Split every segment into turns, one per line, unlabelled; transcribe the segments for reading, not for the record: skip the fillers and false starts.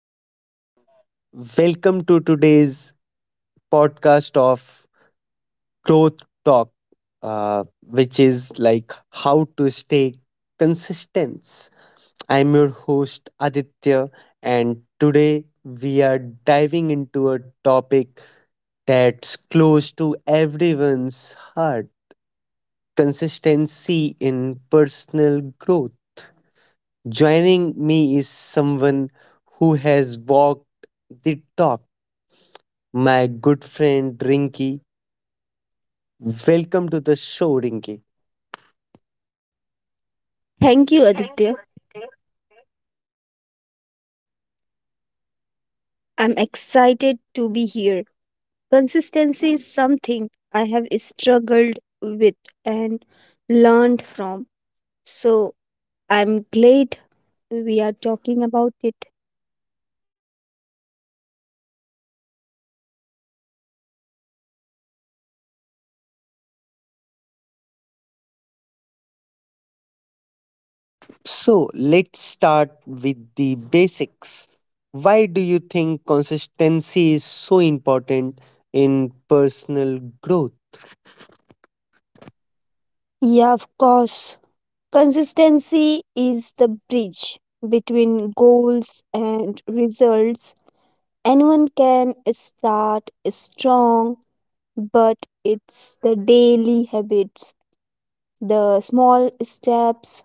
and welcome to today's podcast of Growth Talk, which is like how to stay consistent. I'm your host, Aditya, and today we are diving into a topic that's close to everyone's heart consistency in personal growth. Joining me is someone who has walked the talk my good friend Rinky. Welcome to the show, Rinky.
Thank you, Aditya. I'm excited to be here. Consistency is something I have struggled with and learned from. So I'm glad we are talking about it.
So, let's start with the basics. Why do you think consistency is so important in personal growth?
Yeah, of course. Consistency is the bridge between goals and results. Anyone can start strong, but it's the daily habits, the small steps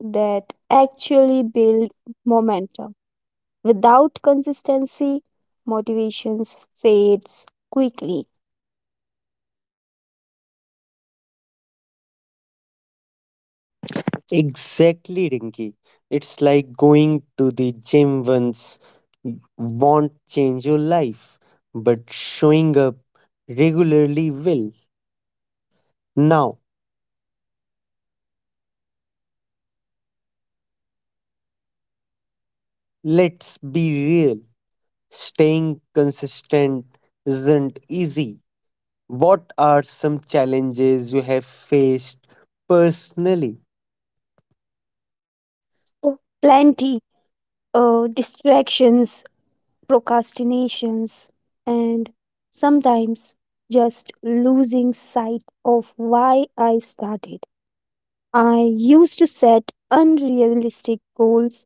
that actually build momentum. Without consistency, motivations fades quickly.
Exactly, Rinky. It's like going to the gym once won't change your life, but showing up regularly will. Now, let's be real. Staying consistent isn't easy. What are some challenges you have faced personally?
Plenty of distractions, procrastinations, and sometimes just losing sight of why I started. I used to set unrealistic goals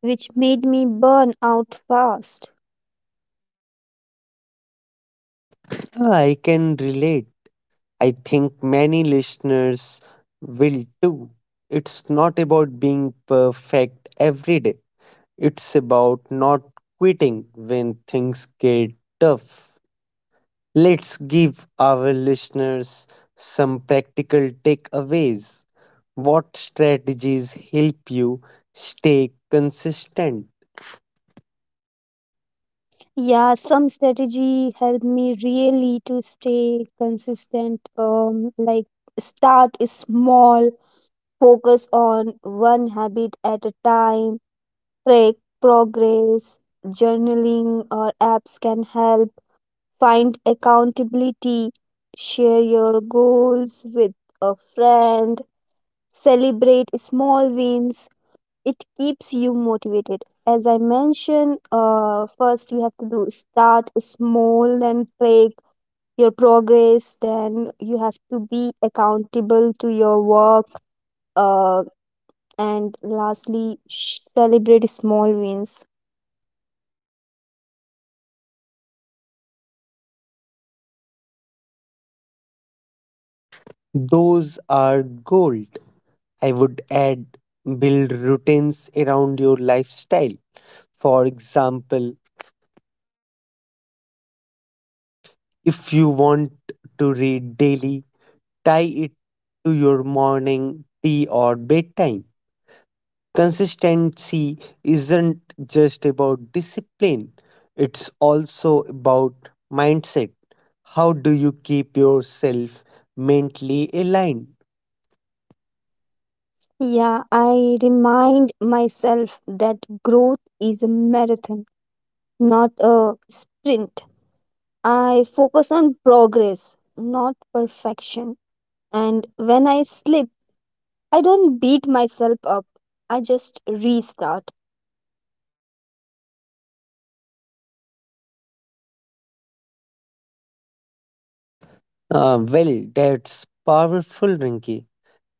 which made me burn out fast.
I can relate. I think many listeners will too. It's not about being perfect every day, it's about not quitting when things get tough. Let's give our listeners some practical takeaways. What strategies help you stay consistent?
Yeah, some strategy helped me really to stay consistent. Like start small, focus on one habit at a time, track progress, journaling or apps can help, find accountability, share your goals with a friend, celebrate small wins. It keeps you motivated. As I mentioned, first you have to do start small, then track your progress, then you have to be accountable to your work, uh, and lastly celebrate small wins.
Those are gold. I would add build routines around your lifestyle. For example, if you want to read daily, tie it to your morning tea or bedtime. Consistency isn't just about discipline, it's also about mindset. How do you keep yourself mentally aligned?
Yeah i remind myself that growth is a marathon, not a sprint. I focus on progress, not perfection, and when I slip, I don't beat myself up. I just restart.
Well, that's powerful, Rinki.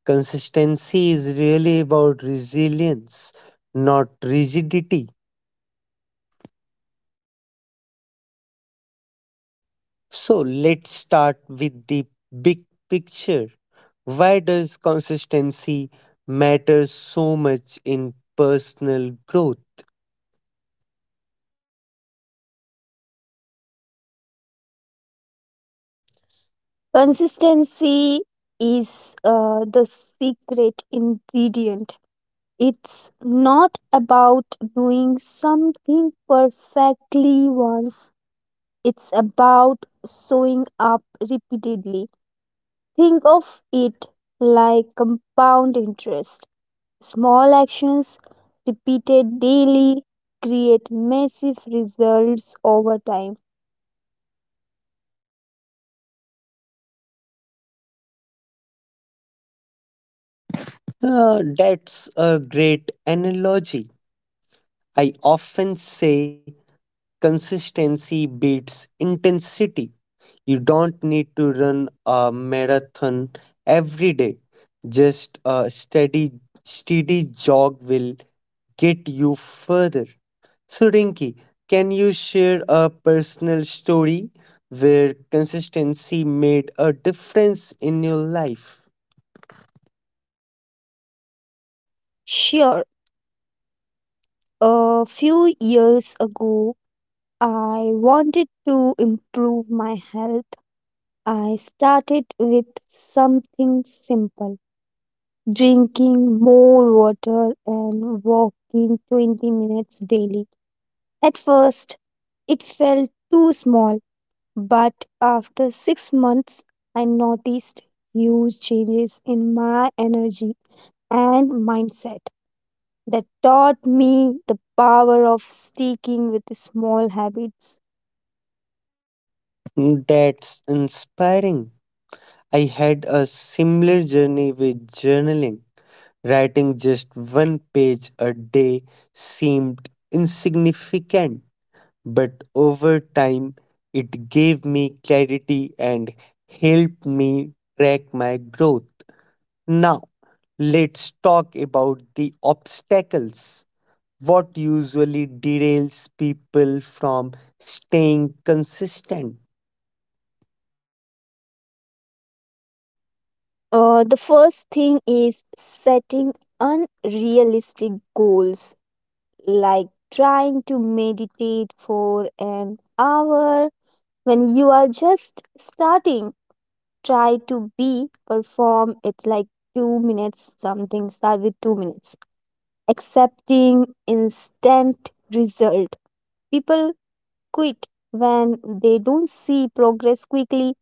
Consistency is really about resilience, not rigidity. So let's start with the big picture. Why does consistency matter so much in personal growth?
Consistency is the secret ingredient. It's not about doing something perfectly once, it's about showing up repeatedly. Think of it like compound interest. Small actions repeated daily create massive results over time.
That's a great analogy. I often say consistency beats intensity. You don't need to run a marathon every day. Just a steady jog will get you further. So, Rinki, can you share a personal story where consistency made a difference in your life?
Sure. A few years ago, I wanted to improve my health. I started with something simple: drinking more water and walking 20 minutes daily. At first, it felt too small, but after 6 months, I noticed huge changes in my energy and mindset. That taught me the power of sticking with small habits.
That's inspiring. I had a similar journey with journaling. Writing just one page a day seemed insignificant, but over time it gave me clarity and helped me track my growth. Now, let's talk about the obstacles. What usually derails people from staying consistent?
The first thing is setting unrealistic goals, like trying to meditate for an hour when you are just starting. Try to be, perform it like 2 minutes, something, start with 2 minutes. Accepting instant result. People quit when they don't see progress quickly.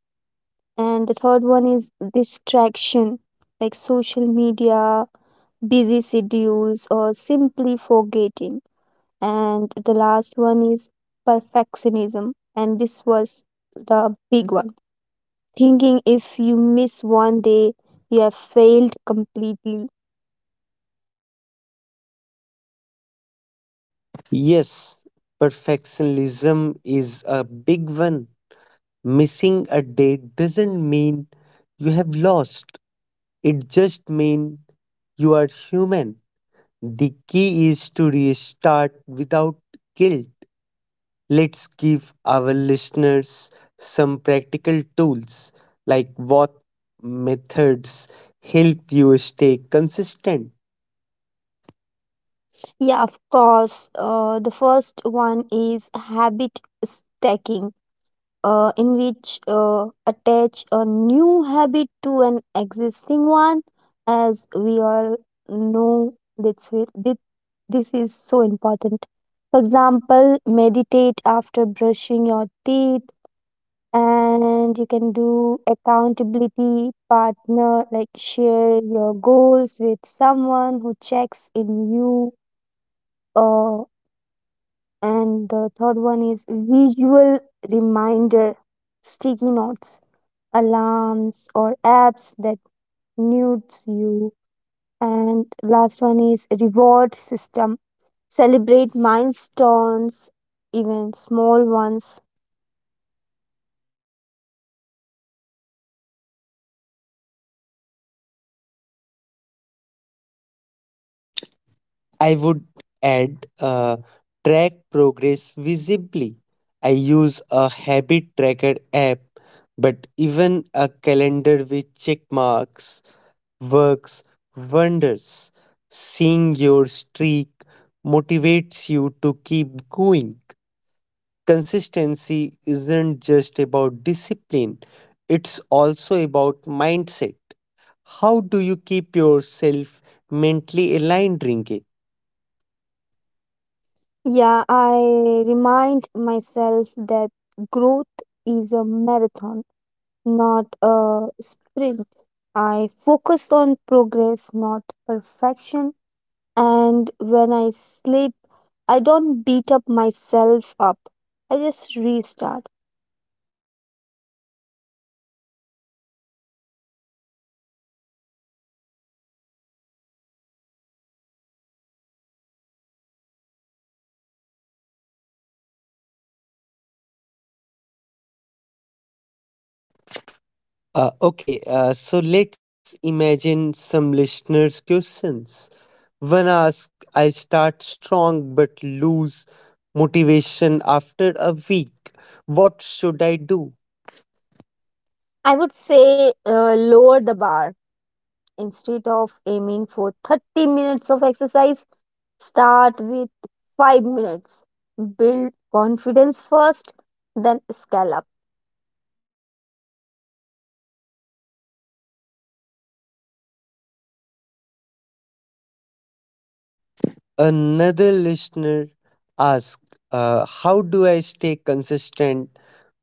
And the third one is distraction, like social media, busy schedules, or simply forgetting. And the last one is perfectionism, and this was the big one: thinking if you miss one day, you have failed completely.
Yes, perfectionism is a big one. Missing a date doesn't mean you have lost, it just means you are human. The key is to restart without guilt. Let's give our listeners some practical tools like what methods help you stay consistent.
Yeah, of course. The first one is habit stacking, in which, attach a new habit to an existing one. As we all know, that's where- thi- this is so important. For example, meditate after brushing your teeth. And you can do accountability partner, like share your goals with someone who checks in you. uh, and the third one is visual reminder: sticky notes, alarms, or apps that nudes you. And last one is reward system: celebrate milestones, even small ones.
I would add track progress visibly. I use a habit tracker app, but even a calendar with check marks works wonders. Seeing your streak motivates you to keep going. Consistency isn't just about discipline, it's also about mindset. How do you keep yourself mentally aligned, Rinke?
Yeah i remind myself that growth is a marathon, not a sprint. I focus on progress, not perfection, and when I sleep, I don't beat up myself up. I just restart.
Okay, so let's imagine some listeners' questions. One asks, I start strong but lose motivation after a week. What should I do?
I would say, lower the bar. Instead of aiming for 30 minutes of exercise, start with 5 minutes. Build confidence first, then scale up.
Another listener asks, how do I stay consistent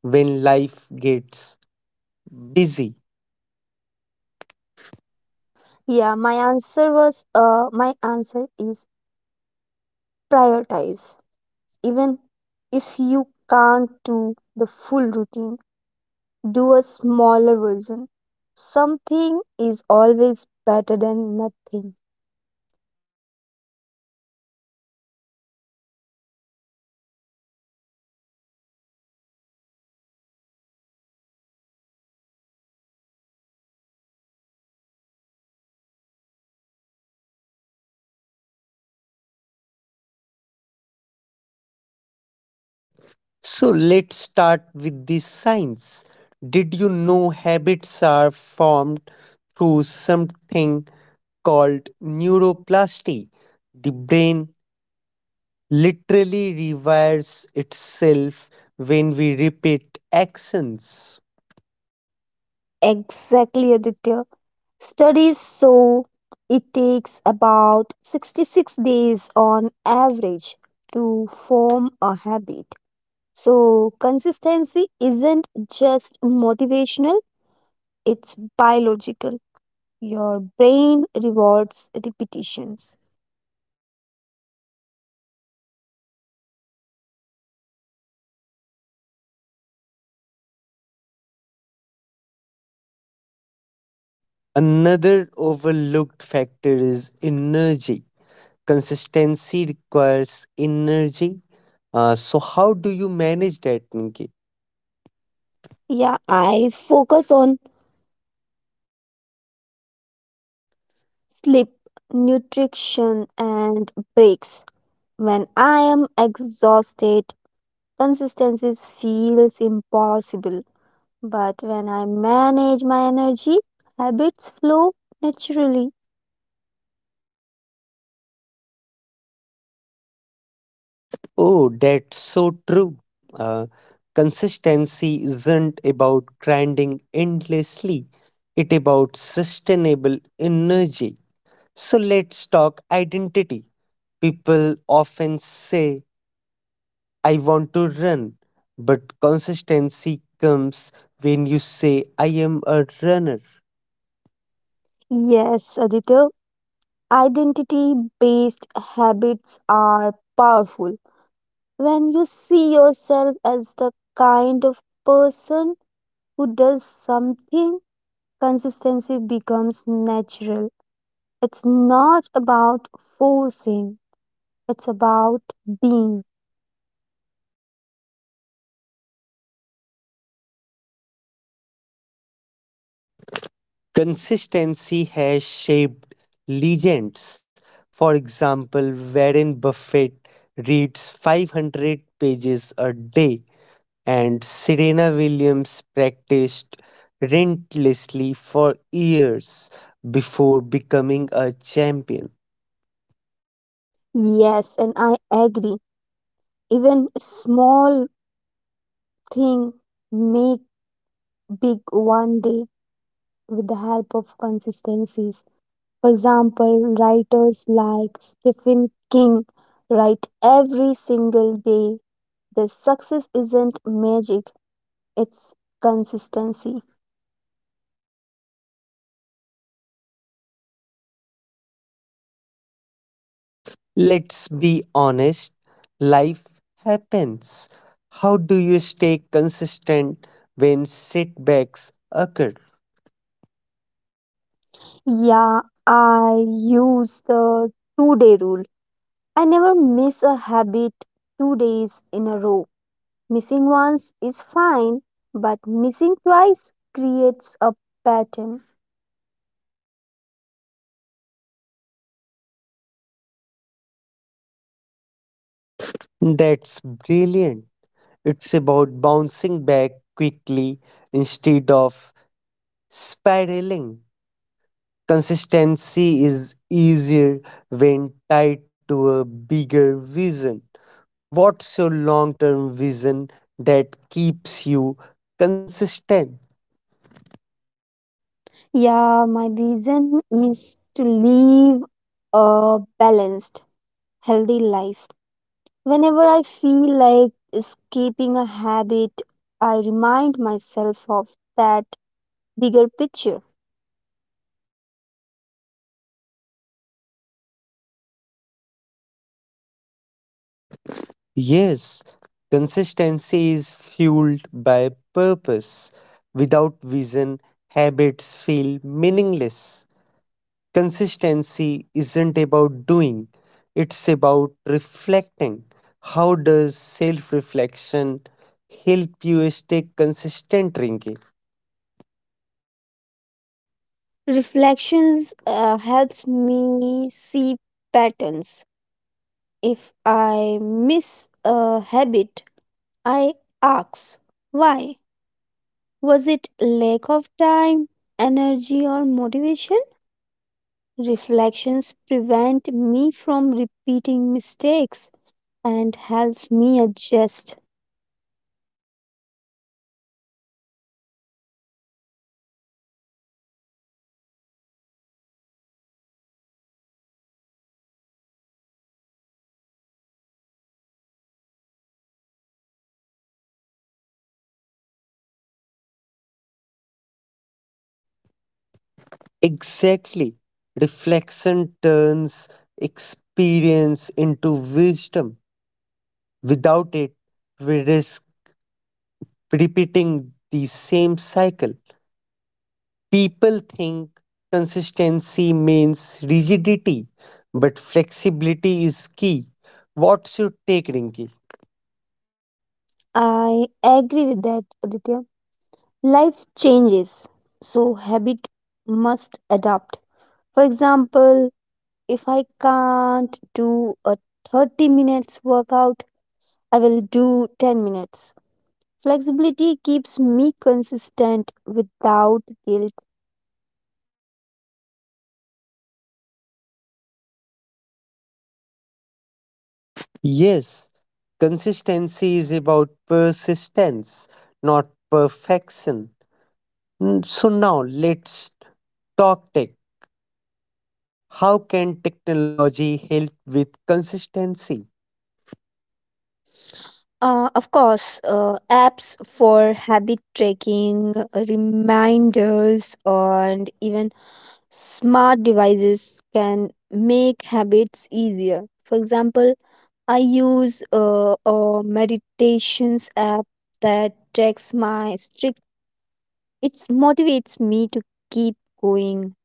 when life gets busy?
Yeah, my answer is prioritize. Even if you can't do the full routine, do a smaller version. Something is always better than nothing.
So let's start with the science. Did you know habits are formed through something? Called neuroplasty. The brain literally rewires itself when we repeat actions.
Exactly, Aditya. Studies show it takes about 66 days on average to form a habit. So, consistency isn't just motivational, it's biological. Your brain rewards repetitions.
Another overlooked factor is energy. Consistency requires energy. So, how do you manage that, Nikki?
Yeah, I focus on sleep, nutrition, and breaks. When I am exhausted, consistency feels impossible. But when I manage my energy, habits flow naturally.
Oh, that's so true. Uh, Consistency isn't about grinding endlessly, it about sustainable energy. So let's talk identity. People often say, I want to run, but consistency comes when you say, I am a runner.
Yes, Aditya, identity based habits are powerful. When you see yourself as the kind of person who does something, consistency becomes natural. It's not about forcing, it's about being.
Consistency has shaped legends. For example, Warren Buffett reads 500 pages a day, and Serena Williams practiced relentlessly for years before becoming a champion.
Yes, and I agree. Even small thing make big one day with the help of consistencies. For example, writers like Stephen King write every single day. The success isn't magic, it's consistency.
Let's be honest, life happens. How do you stay consistent when setbacks occur?
Yeah, I use the two-day rule. I never miss a habit 2 days in a row. Missing once is fine, but missing twice creates a pattern.
That's brilliant. It's about bouncing back quickly instead of spiraling. Consistency is easier when tied to a bigger vision. What's your long term vision that keeps you consistent?
Yeah, my vision is to live a balanced, healthy life. Whenever I feel like escaping a habit, I remind myself of that bigger picture.
Yes, consistency is fueled by purpose. Without vision, habits feel meaningless. Consistency isn't about doing, it's about reflecting. How does self reflection help you stay consistent, Rinki?
Reflections helps me see patterns. If I miss a habit, I ask why? Was it lack of time, energy, or motivation? Reflections prevent me from repeating mistakes and helps me adjust.
Exactly. Reflection turns experience into wisdom. Without it, we risk repeating the same cycle. People think consistency means rigidity, but flexibility is key. What's your take, Rinki?
I agree with that, Aditya. Life changes, so habit must adapt. For example, if I can't do a 30 minutes workout, I will do 10 minutes. Flexibility keeps me consistent without guilt.
Yes, consistency is about persistence, not perfection. Mm. So now let's talk tech. How can technology help with consistency?
Of course. Apps for habit tracking, reminders, and even smart devices can make habits easier. For example, I use a meditations app that tracks my strict. It motivates me to keep going.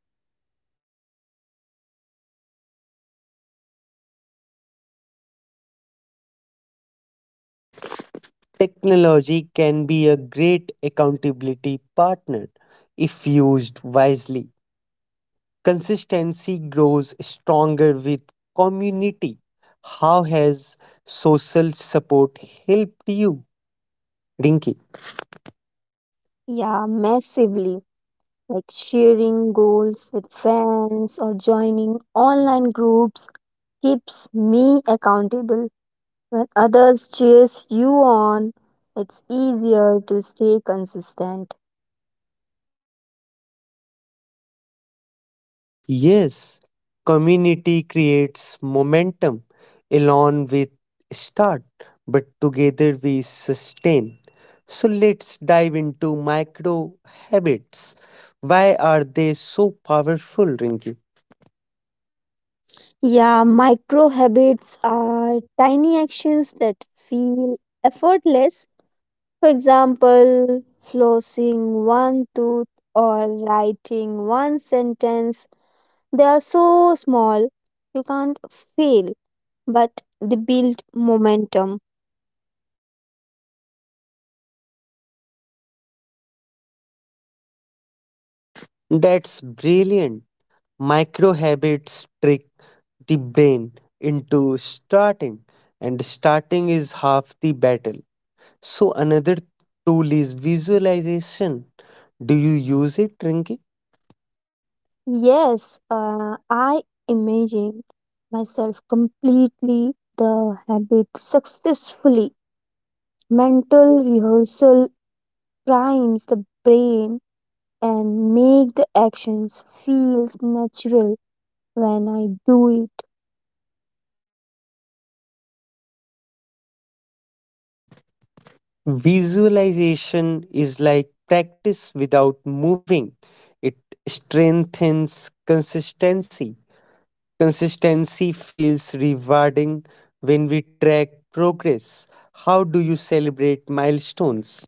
Technology can be a great accountability partner if used wisely. Consistency grows stronger with community. How has social support helped you, Rinki?
Yeah, massively. Like sharing goals with friends or joining online groups keeps me accountable. When others cheers you on, it's easier to stay consistent.
Yes, community creates momentum. Alone with start, but together we sustain. So let's dive into micro habits. Why are they so powerful, Rinki?
Yeah, micro habits are tiny actions that feel effortless. For example, flossing one tooth or writing one sentence. They are so small, you can't fail, but they build momentum.
That's brilliant. Micro habits trick the brain into starting, and starting is half the battle. So, another tool is visualization. Do you use it, Rinki?
Yes, I imagined myself completely the habit successfully. Mental rehearsal primes the brain and make the actions feel natural when I do it.
Visualization is like practice without moving, it strengthens consistency. Consistency feels rewarding when we track progress. How do you celebrate milestones?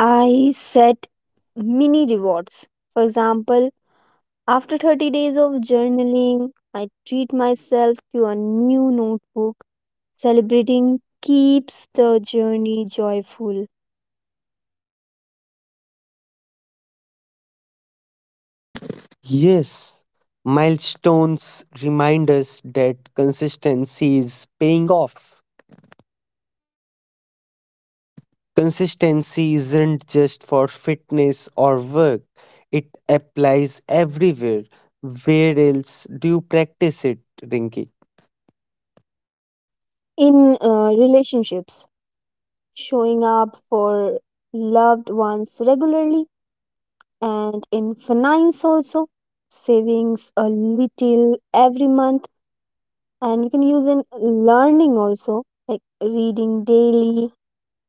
I set mini rewards. For example, after 30 days of journaling, I treat myself to a new notebook. Celebrating keeps the journey joyful.
Yes, milestones remind us that consistency is paying off. Consistency isn't just for fitness or work, it applies everywhere. Where else do you practice it, Rinky?
In relationships, showing up for loved ones regularly, and in finance also, savings a little every month, and you can use in learning also, like reading daily.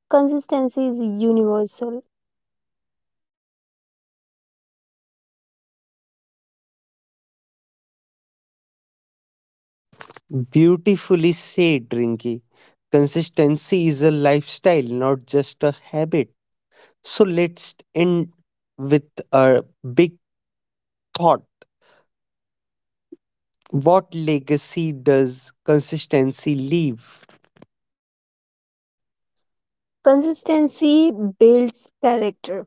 Consistency is universal.
Beautifully said, Rinky. Consistency is a lifestyle, not just a habit. So let's end with a big thought. What legacy does consistency leave?
Consistency builds character.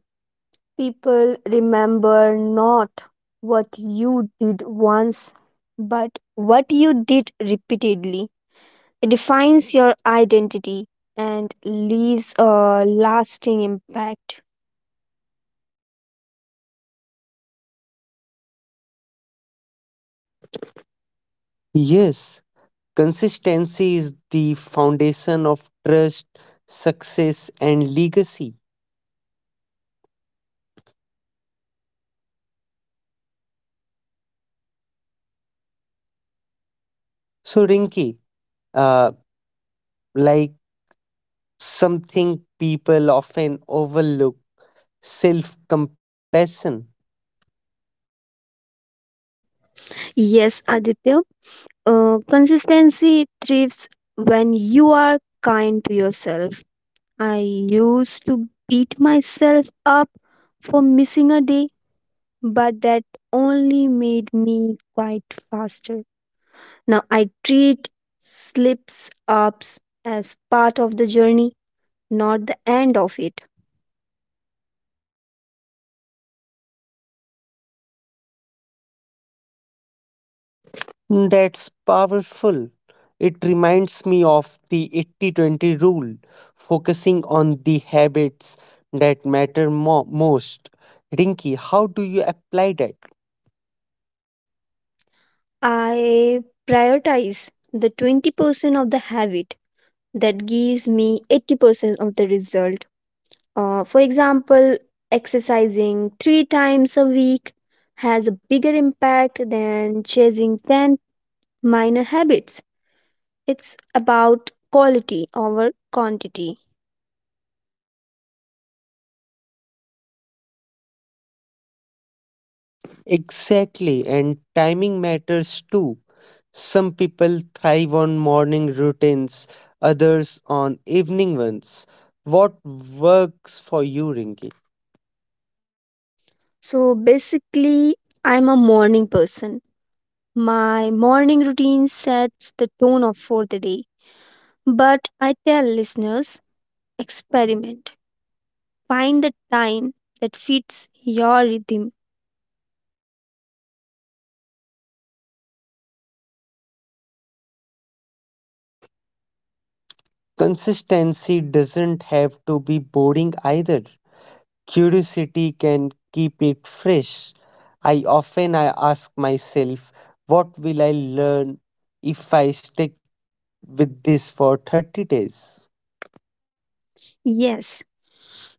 People remember not what you did once, but what you did repeatedly. It defines your identity and leaves a lasting impact.
Yes, consistency is the foundation of trust, success, and legacy. So, Rinki, uh, like something people often overlook self compassion.
Yes, Aditya, consistency thrives when you are kind to yourself. I used to beat myself up for missing a day, but that only made me quite faster. Now I treat slips ups as part of the journey, not the end of it.
That's powerful. It reminds me of the 80/20 rule, focusing on the habits that matter most. Rinky, how do you apply that?
I prioritize the 20% of the habit that gives me 80% of the result. For example, exercising three times a week has a bigger impact than chasing 10 minor habits. It's about quality over quantity.
Exactly, and timing matters too. Some people thrive on morning routines, others on evening ones. What works for you, Rinky?
So basically, I'm a morning person. My morning routine sets the tone of for the day. But I tell listeners, experiment. Find the time that fits your rhythm.
Consistency doesn't have to be boring either. Curiosity can keep it fresh. I often I ask myself, what will I learn if I stick with this for 30 days?
Yes,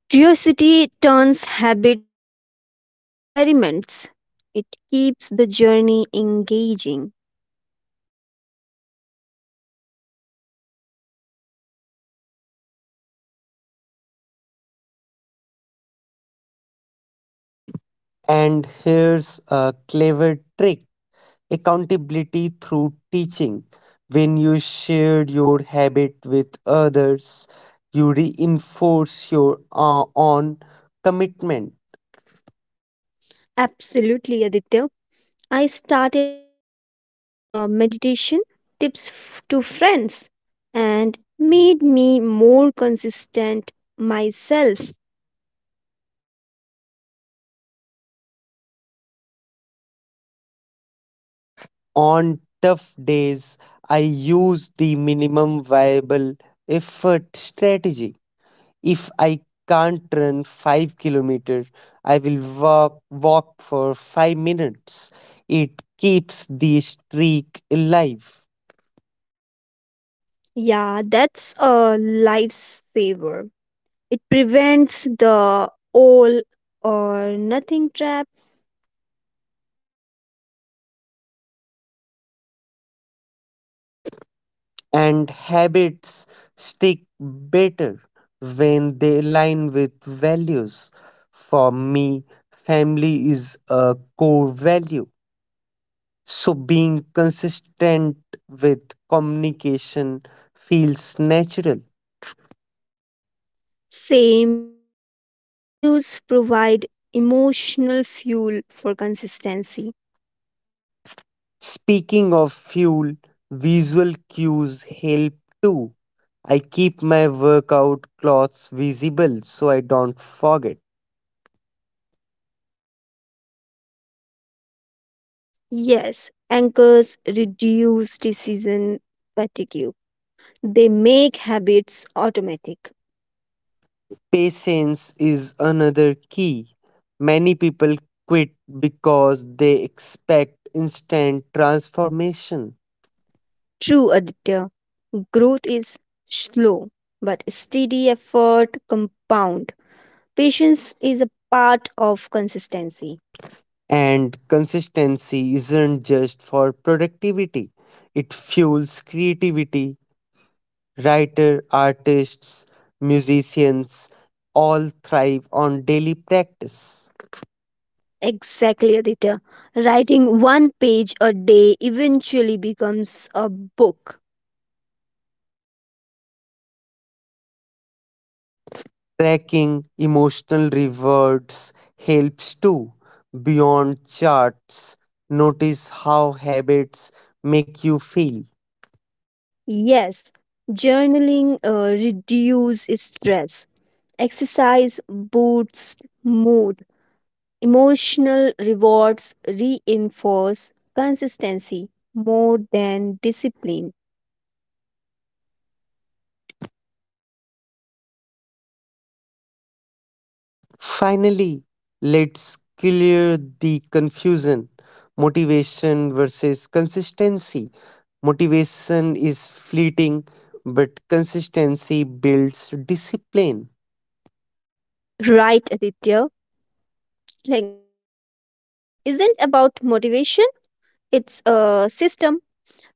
curiosity turns habits into experiments. It keeps the journey engaging.
And here's a clever trick accountability through teaching. When you share your habit with others, you reinforce your own commitment.
Absolutely, Aditya. I started teaching meditation tips to friends and made me more consistent myself.
On tough days, I use the minimum viable effort strategy. If I can't run 5 kilometers, I will walk for 5 minutes. It keeps the streak alive,
Yeah, that's a lifesaver. It prevents the all or nothing trap.
and habits stick better when they align with values. For me, family is a core value. So being consistent with communication feels natural.
Same here. Values provide emotional fuel for consistency.
Speaking of fuel, visual cues help too. I keep my workout clothes visible so I don't forget.
Yes, anchors reduce decision fatigue. They make habits automatic.
Patience is another key. Many people quit because they expect instant transformation.
True, Aditya. Growth is slow, but steady effort compounds. Patience is a part of consistency.
And consistency isn't just for productivity, it fuels creativity. Writer, artists, musicians all thrive on daily practice.
Exactly, Aditya. Writing one page a day eventually becomes a book.
Tracking emotional rewards helps too. Beyond charts, notice how habits make you feel.
Yes, journaling reduces stress. Exercise boosts mood. Emotional rewards reinforce consistency more than discipline.
Finally, let's clear the confusion motivation versus consistency. Motivation is fleeting, but consistency builds discipline.
Right, Aditya. Like brushing teeth isn't about motivation, it's a system.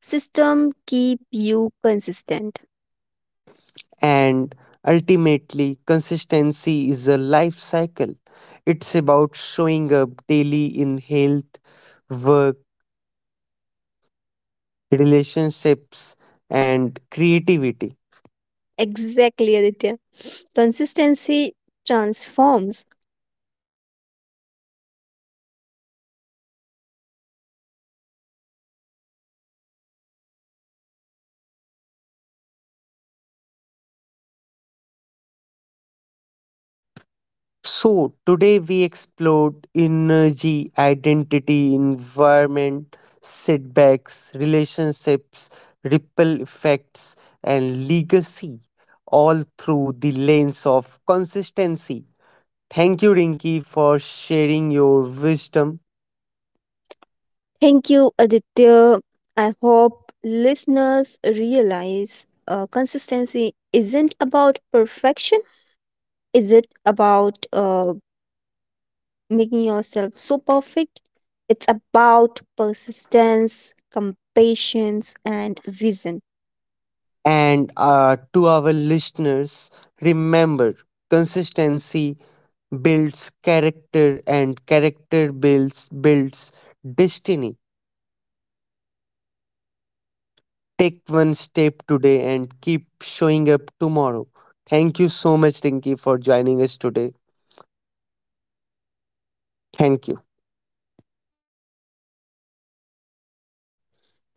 System keep you consistent.
And ultimately, consistency is a life cycle. It's about showing up daily in health, work, relationships, and creativity.
Exactly, Aditya. Consistency transforms.
So, today we explored energy, identity, environment, setbacks, relationships, ripple effects, and legacy, all through the lens of consistency. Thank you, Rinki, for sharing your wisdom.
Thank you, Aditya. I hope listeners realize consistency isn't about perfection. Is it about making yourself so perfect? It's about persistence, compassion, and vision.
And to our listeners, remember consistency builds character, and character builds destiny. Take one step today and keep showing up tomorrow. Thank you so much, Rinky, for joining us today. Thank you.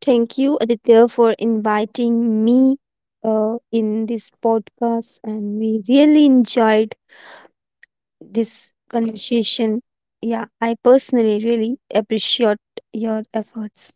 Thank you, Aditya, for inviting me in this podcast, and we really enjoyed this conversation. Yeah, I personally really appreciate your efforts.